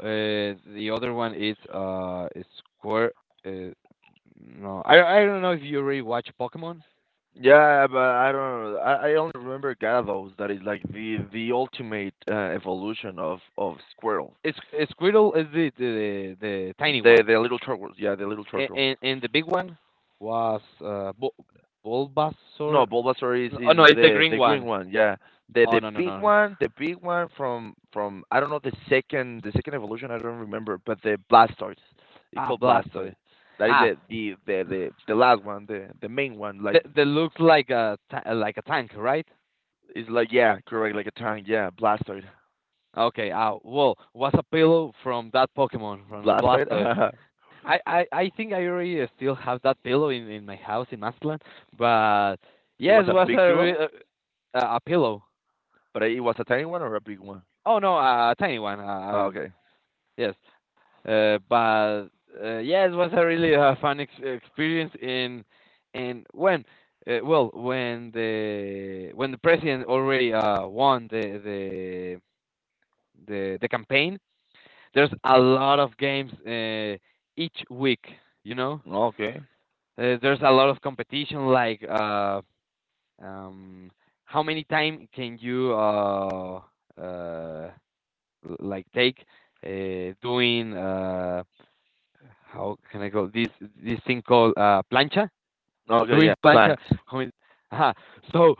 [SPEAKER 1] the other one is Squir. Uh, no, I don't know if you already watch Pokemon.
[SPEAKER 2] Yeah, but I don't know. I only remember Gyarados, that is like the ultimate evolution of Squirtle.
[SPEAKER 1] It's Squirtle is the tiny
[SPEAKER 2] The
[SPEAKER 1] one.
[SPEAKER 2] the little turtle, yeah, the little
[SPEAKER 1] A-
[SPEAKER 2] turtle.
[SPEAKER 1] And and the big one was
[SPEAKER 2] No,
[SPEAKER 1] Bulbasaur.
[SPEAKER 2] Bulbasaur is
[SPEAKER 1] Oh
[SPEAKER 2] is
[SPEAKER 1] no, it's the
[SPEAKER 2] the
[SPEAKER 1] green
[SPEAKER 2] the green
[SPEAKER 1] one.
[SPEAKER 2] one, yeah. The
[SPEAKER 1] Oh,
[SPEAKER 2] the
[SPEAKER 1] no, no,
[SPEAKER 2] big
[SPEAKER 1] no, no.
[SPEAKER 2] one, the big one from I don't know, the second evolution, I don't remember, but the Blastoise, it's
[SPEAKER 1] Ah,
[SPEAKER 2] called Blastoise.
[SPEAKER 1] Blastoise.
[SPEAKER 2] That is
[SPEAKER 1] Ah,
[SPEAKER 2] the last one, the main one. Like,
[SPEAKER 1] that looks like like a tank, right?
[SPEAKER 2] it's like, yeah, correct, like a tank, yeah, Blastoise,
[SPEAKER 1] Okay. Ah, well, what's a pillow from that Pokemon from a Blastoise?
[SPEAKER 2] Blastoise.
[SPEAKER 1] I think I already still have that pillow in my house in Mazatlán, but
[SPEAKER 2] It
[SPEAKER 1] yes,
[SPEAKER 2] was a
[SPEAKER 1] was
[SPEAKER 2] big pillow,
[SPEAKER 1] a pillow.
[SPEAKER 2] but it was a tiny one or a big one.
[SPEAKER 1] Oh no, a tiny one.
[SPEAKER 2] Ah,
[SPEAKER 1] Um,
[SPEAKER 2] okay,
[SPEAKER 1] yes. But Yeah, it was a really fun experience. In and when well when the president already won the campaign, there's a lot of games each week. You know,
[SPEAKER 2] okay,
[SPEAKER 1] there's a lot of competition like um, how many time can you uh, like take doing how can I go? This thing called plancha,
[SPEAKER 2] okay, yeah.
[SPEAKER 1] doing plancha.
[SPEAKER 2] Planks.
[SPEAKER 1] I mean, uh, so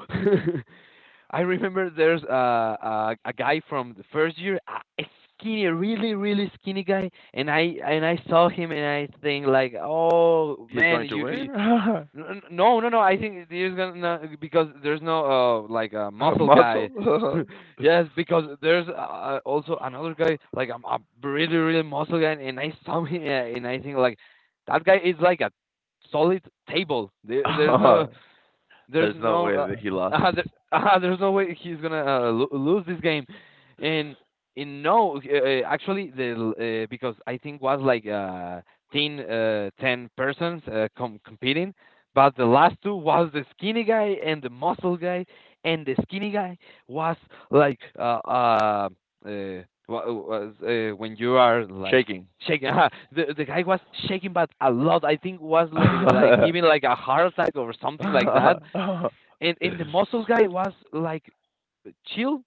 [SPEAKER 1] I remember there's a guy from the first year, a skinny, really really skinny guy, and I saw him and I think like, oh
[SPEAKER 2] He's
[SPEAKER 1] man,
[SPEAKER 2] going to
[SPEAKER 1] you...
[SPEAKER 2] win.
[SPEAKER 1] No, no, no. I think there's gonna no, because there's no like a
[SPEAKER 2] A
[SPEAKER 1] muscle
[SPEAKER 2] muscle?
[SPEAKER 1] guy.
[SPEAKER 2] Mussel?
[SPEAKER 1] Yes, because there's also another guy like I'm a really really muscle guy, and I saw him, and I think like that guy is like a solid table. There's
[SPEAKER 2] There's no
[SPEAKER 1] no
[SPEAKER 2] way that he lost his.
[SPEAKER 1] uh, there, there's no way he's gonna lose this game, and in no actually the because I think was like 10, 10 persons competing, but the last two was the skinny guy and the muscle guy, and the skinny guy was like uh uh, uh when you are like
[SPEAKER 2] Shaking.
[SPEAKER 1] shaking. The the guy was shaking, but a lot. I think was like, giving like a heart attack or something like that. And and the muscle guy was like chill.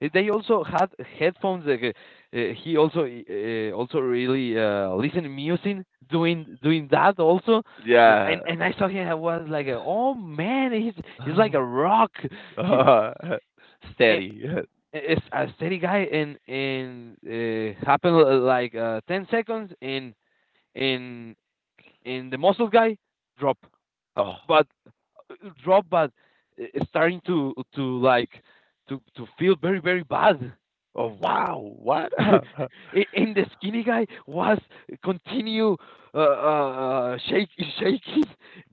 [SPEAKER 1] They also had headphones. Like, he also also really listened music, doing that also. N-
[SPEAKER 2] Yeah.
[SPEAKER 1] And and I saw him. I was like, oh man, he's like
[SPEAKER 2] Um,
[SPEAKER 1] a rock. He
[SPEAKER 2] uh,
[SPEAKER 1] a,
[SPEAKER 2] Steady.
[SPEAKER 1] a A steady guy. And happened like 10 seconds, and and the muscle guy drop. Uh,
[SPEAKER 2] Oh,
[SPEAKER 1] but drop, but starting to like to feel very very bad.
[SPEAKER 2] oh wow. What?
[SPEAKER 1] And the skinny guy was continue uh, uh uh, shake, shaking,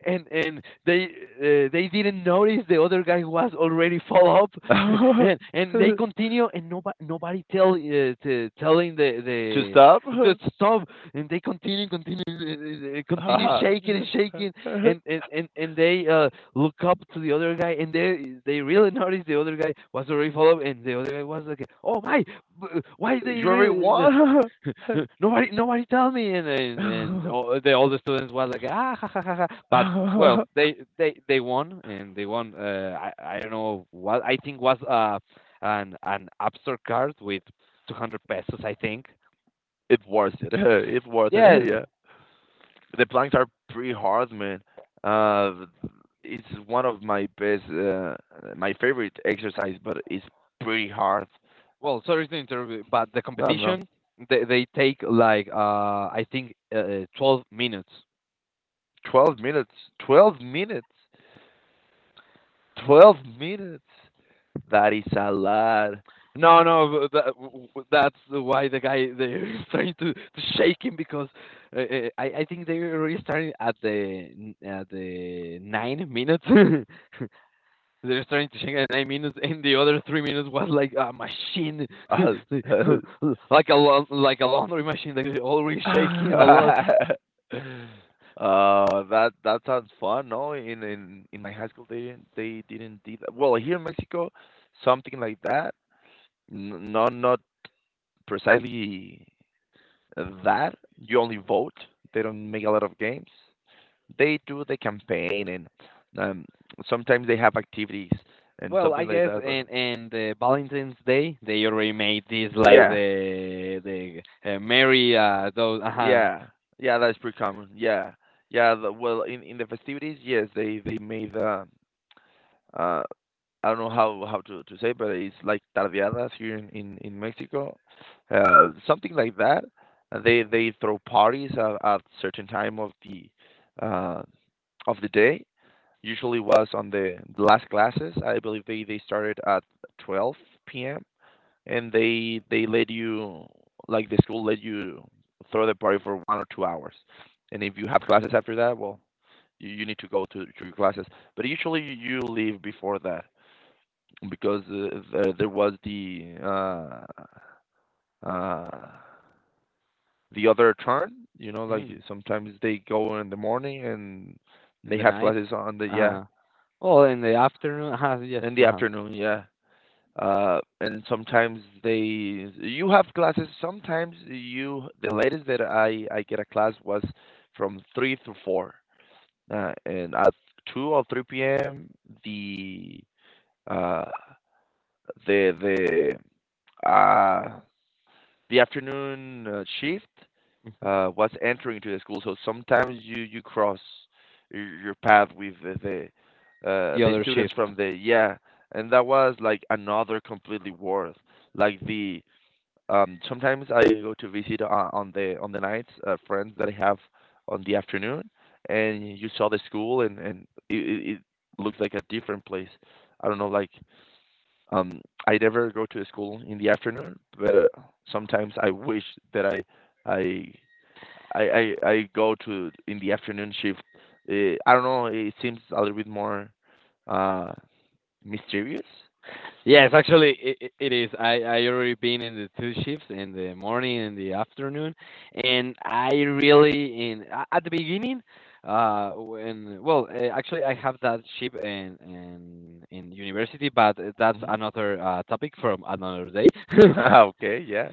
[SPEAKER 1] and they didn't notice the other guy was already fall up. And and they
[SPEAKER 2] To
[SPEAKER 1] continue, and nobody telling
[SPEAKER 2] stop?
[SPEAKER 1] the stop, and they continue shaking and shaking, and they look up to the other guy, and they really notice the other guy was already followed, and the other guy was like, "Oh my, why they
[SPEAKER 2] You already
[SPEAKER 1] really
[SPEAKER 2] won?
[SPEAKER 1] nobody tell me?" And the all the students was like, "Ah ha ha ha ha," but well, they won, and they won. I don't know what I think was an absurd card with 200 pesos, I think.
[SPEAKER 2] It's worth it. It's worth it.
[SPEAKER 1] Yes.
[SPEAKER 2] Yeah. The planks are pretty hard, man. Uh, it's one of my best, my favorite exercise, but it's pretty hard.
[SPEAKER 1] Well, sorry to interrupt, but the
[SPEAKER 2] No, no, no.
[SPEAKER 1] competition they take like I think 12 minutes.
[SPEAKER 2] 12 minutes, 12 minutes, 12 minutes. That is a lot.
[SPEAKER 1] No, no, that's why the guy they're trying to shake him because I think they're already starting at the 9 minutes. They're starting to shake at 9 minutes, and the other 3 minutes was like a machine,
[SPEAKER 2] Oh,
[SPEAKER 1] like like like a laundry machine. Like they're already shaking a lot.
[SPEAKER 2] that sounds fun. No, in my high school they didn't do that. Well, here in Mexico, something like that. Not precisely. Mm-hmm. That you only vote. They don't make a lot of games. They do the campaign and, um, sometimes they have activities and
[SPEAKER 1] Well, I
[SPEAKER 2] something like
[SPEAKER 1] guess
[SPEAKER 2] that. But
[SPEAKER 1] in the Valentine's Day they already made this like
[SPEAKER 2] yeah,
[SPEAKER 1] the Mary those
[SPEAKER 2] yeah, yeah, that's pretty common. Yeah, yeah. Well, in the festivities, yes, they made the, uh, I don't know how to say, but it's like tardeadas here in Mexico, something like that. They throw parties at certain time uh, of the day. Usually was on the last classes. I believe they started at 12 p.m., and they let you like the school let you throw the party for 1 or 2 hours, and if you have classes after that, well, you need to go to your classes. But usually you leave before that because, there was uh, the other turn. You know, like
[SPEAKER 1] Mm.
[SPEAKER 2] sometimes they go in the morning, and
[SPEAKER 1] In
[SPEAKER 2] they
[SPEAKER 1] the
[SPEAKER 2] have
[SPEAKER 1] night.
[SPEAKER 2] classes on the,
[SPEAKER 1] Uh
[SPEAKER 2] yeah,
[SPEAKER 1] huh. Well, in the afternoon, yes.
[SPEAKER 2] in the
[SPEAKER 1] Uh huh.
[SPEAKER 2] afternoon. Yeah, and sometimes they you have classes. Sometimes you the latest that I get a class was from 3 to 4, and at 2 or 3 p.m., the uh the the uh the afternoon shift was entering to the school. So sometimes you cross your path with
[SPEAKER 1] The
[SPEAKER 2] the
[SPEAKER 1] other
[SPEAKER 2] students
[SPEAKER 1] shift.
[SPEAKER 2] from the, yeah, and that was like another completely worth. Like the sometimes I go to visit, on the nights, friends that I have on the afternoon, and you saw the school, and it looked like a different place. I don't know, like, um, I never go to school in the afternoon, but sometimes I wish that I I I go to in the afternoon shift. I don't know. It seems a little bit more, uh, mysterious.
[SPEAKER 1] Yes, actually, it is. I already been in the two shifts in the morning and the afternoon, and I really at the beginning, when well, actually I have that shift in university, but that's
[SPEAKER 2] Hmm.
[SPEAKER 1] another topic from another day.
[SPEAKER 2] Okay. Yeah.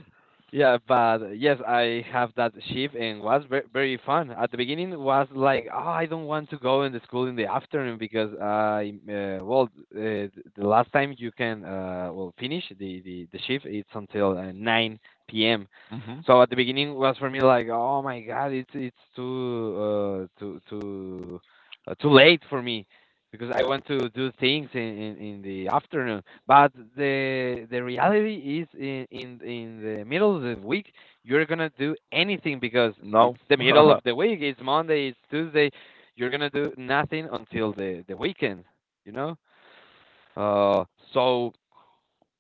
[SPEAKER 1] Yeah, but yes, I have that shift and was very, very fun. At the beginning, was like, oh, I don't want to go in the school in the afternoon because the last time you can, well, finish the shift, it's until 9 p.m.
[SPEAKER 2] Hmm.
[SPEAKER 1] So at the beginning was for me like, oh my God, it's too too too late for me because I want to do things in the afternoon. But the reality is in the middle of the week you're gonna do anything because
[SPEAKER 2] No.
[SPEAKER 1] it's the middle of the week. It's Monday. It's Tuesday. You're gonna do nothing until the weekend. You know. Uh. So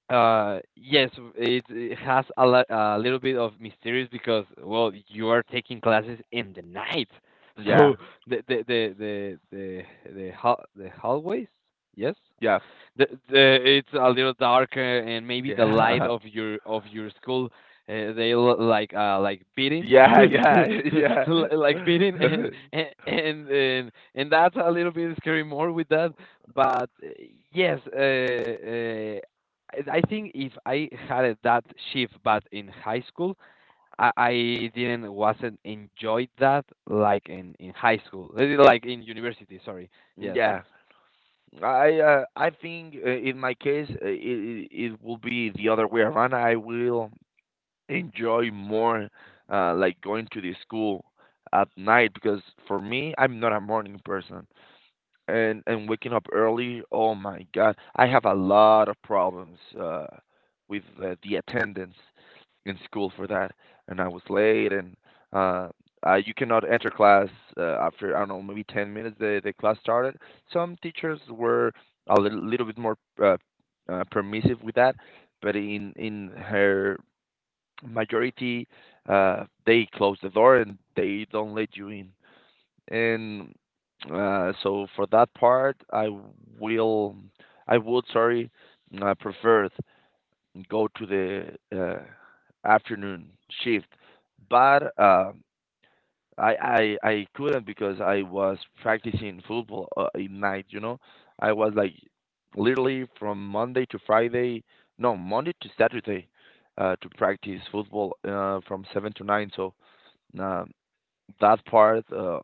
[SPEAKER 1] yes, it has a, a little bit of mysterious because well, you are taking classes in the night, so
[SPEAKER 2] Yeah.
[SPEAKER 1] the the the the the the, hall the hallways, yes,
[SPEAKER 2] Yeah.
[SPEAKER 1] the it's a little darker and maybe the light
[SPEAKER 2] Yeah.
[SPEAKER 1] of your school, they look like beating.
[SPEAKER 2] Yeah, yeah, yeah,
[SPEAKER 1] Like beating, and that's a little bit scary more with that, but yes uh, uh I think if I had it that shift but in high school, I didn't wasn't enjoyed that like in high school. Like in university, sorry. Yes.
[SPEAKER 2] yeah. I think, in my case, it will be the other way around. I will enjoy more, like going to the school at night, because for me, I'm not a morning person, and waking up early, oh my god, I have a lot of problems with, the attendance in school for that, and I was late, and uh, you cannot enter class after, I don't know, maybe 10 minutes the class started. Some teachers were a little bit more, uh, permissive with that, but in her majority, they close the door and they don't let you in. And, so for that part, I will, I would, sorry, I prefer go to the, afternoon shift. But, I couldn't because I was practicing football, at night. You know, I was like literally from Monday to Friday, no Monday to Saturday, to practice football from 7 to 9. So, uh, that part, uh,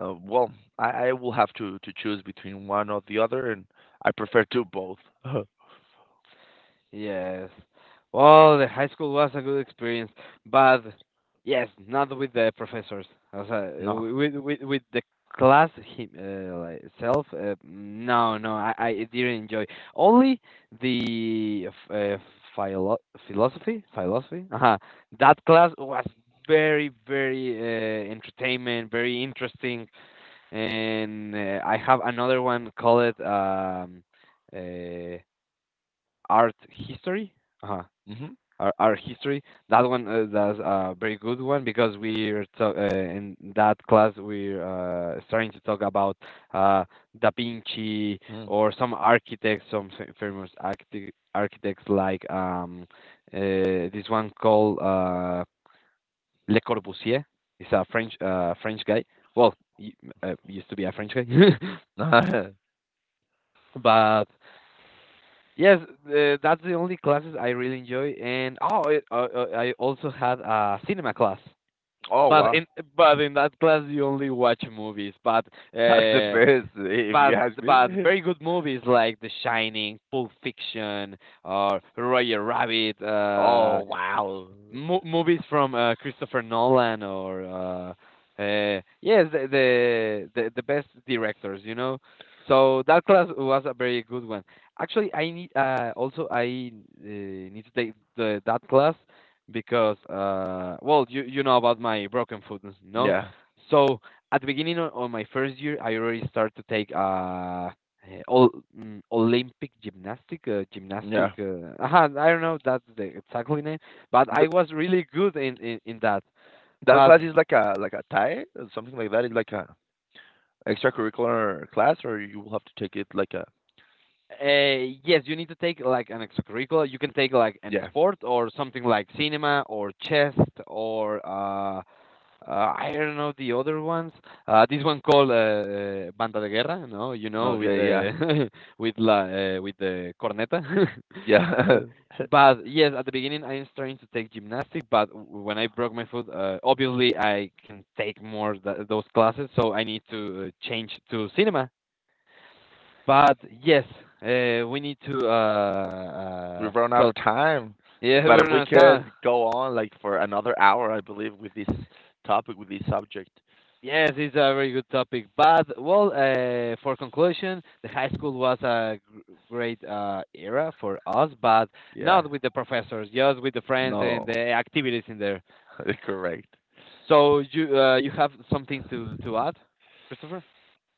[SPEAKER 2] uh, well, I will have to choose between one or the other, and I prefer to both.
[SPEAKER 1] Yes. Well, the high school was a good experience, but yes, not with the professors. As I-
[SPEAKER 2] No.
[SPEAKER 1] wi- with the class him, like itself. No, no, I didn't enjoy. Only the f- uh, philo- philosophy, philosophy. Uh-huh. That class was very, very entertainment, very interesting, and I have another one called uh, art history. Uh-huh.
[SPEAKER 2] Mhm.
[SPEAKER 1] Art history, that one, that's a very good one because in that class we're starting to talk about uh, da vinci
[SPEAKER 2] Mm.
[SPEAKER 1] or some architects, some famous architects like this one called le corbusier. He's a french french guy. Well, y- used to be a french guy. But yes, that's the only classes I really enjoy. And oh, I also had a cinema class.
[SPEAKER 2] Oh
[SPEAKER 1] But
[SPEAKER 2] wow,
[SPEAKER 1] in but in that class you only watch movies, but
[SPEAKER 2] that's the
[SPEAKER 1] uh,
[SPEAKER 2] best if you
[SPEAKER 1] but
[SPEAKER 2] ask
[SPEAKER 1] but
[SPEAKER 2] me.
[SPEAKER 1] very good movies like The Shining, Pulp Fiction, or Roger Rabbit.
[SPEAKER 2] Oh wow.
[SPEAKER 1] Movies from Christopher Nolan or yes, the best directors, you know. So that class was a very good one. Actually, I need also I need to take the that class because well, you know about my broken foot, you know.
[SPEAKER 2] Yeah.
[SPEAKER 1] So at the beginning of my first year, I already started to take Ol- Olympic gymnastic,
[SPEAKER 2] Yeah,
[SPEAKER 1] gymnastic. Aha, I don't know that's the exactly name, but I
[SPEAKER 2] but
[SPEAKER 1] was really good in in that.
[SPEAKER 2] that
[SPEAKER 1] But
[SPEAKER 2] class is like a tie or something like that. It's like a extracurricular class, or you will have to take it like a,
[SPEAKER 1] yes, you need to take like an extracurricular. You can take like an
[SPEAKER 2] yeah.
[SPEAKER 1] sport or something like cinema or chess or I don't know the other ones. This one called Banda de Guerra, no, you know, with
[SPEAKER 2] Okay, yeah,
[SPEAKER 1] the with la with the corneta.
[SPEAKER 2] yeah.
[SPEAKER 1] Uh, But yes, at the beginning I was trying to take gymnastics, but when I broke my foot, obviously I can take more th those classes, so I need to change to cinema. But yes, we need to
[SPEAKER 2] We've run out of
[SPEAKER 1] cut.
[SPEAKER 2] time,
[SPEAKER 1] Yeah,
[SPEAKER 2] but
[SPEAKER 1] we're
[SPEAKER 2] we
[SPEAKER 1] not town.
[SPEAKER 2] could go on like for another hour, I believe, with this topic, with this subject.
[SPEAKER 1] Yes, it's a very good topic. But well, for conclusion, the high school was a great era for us, but
[SPEAKER 2] Yeah.
[SPEAKER 1] not with the professors, just with the friends and
[SPEAKER 2] No,
[SPEAKER 1] the activities in there.
[SPEAKER 2] correct.
[SPEAKER 1] So you, you have something to add, Christopher?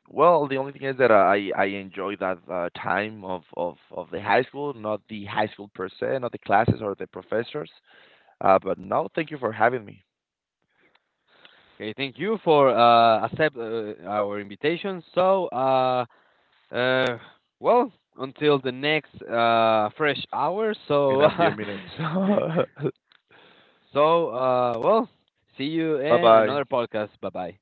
[SPEAKER 2] Well, the only thing is that I enjoy that time of the high school, not the high school per se, not the classes or the professors. But now, thank you for having me
[SPEAKER 1] Okay, thank you for accept our invitation. So uh, well, until the next fresh hour.
[SPEAKER 2] in
[SPEAKER 1] So.
[SPEAKER 2] a few minutes.
[SPEAKER 1] So, well, see you
[SPEAKER 2] Bye
[SPEAKER 1] in
[SPEAKER 2] bye.
[SPEAKER 1] another podcast. Bye bye.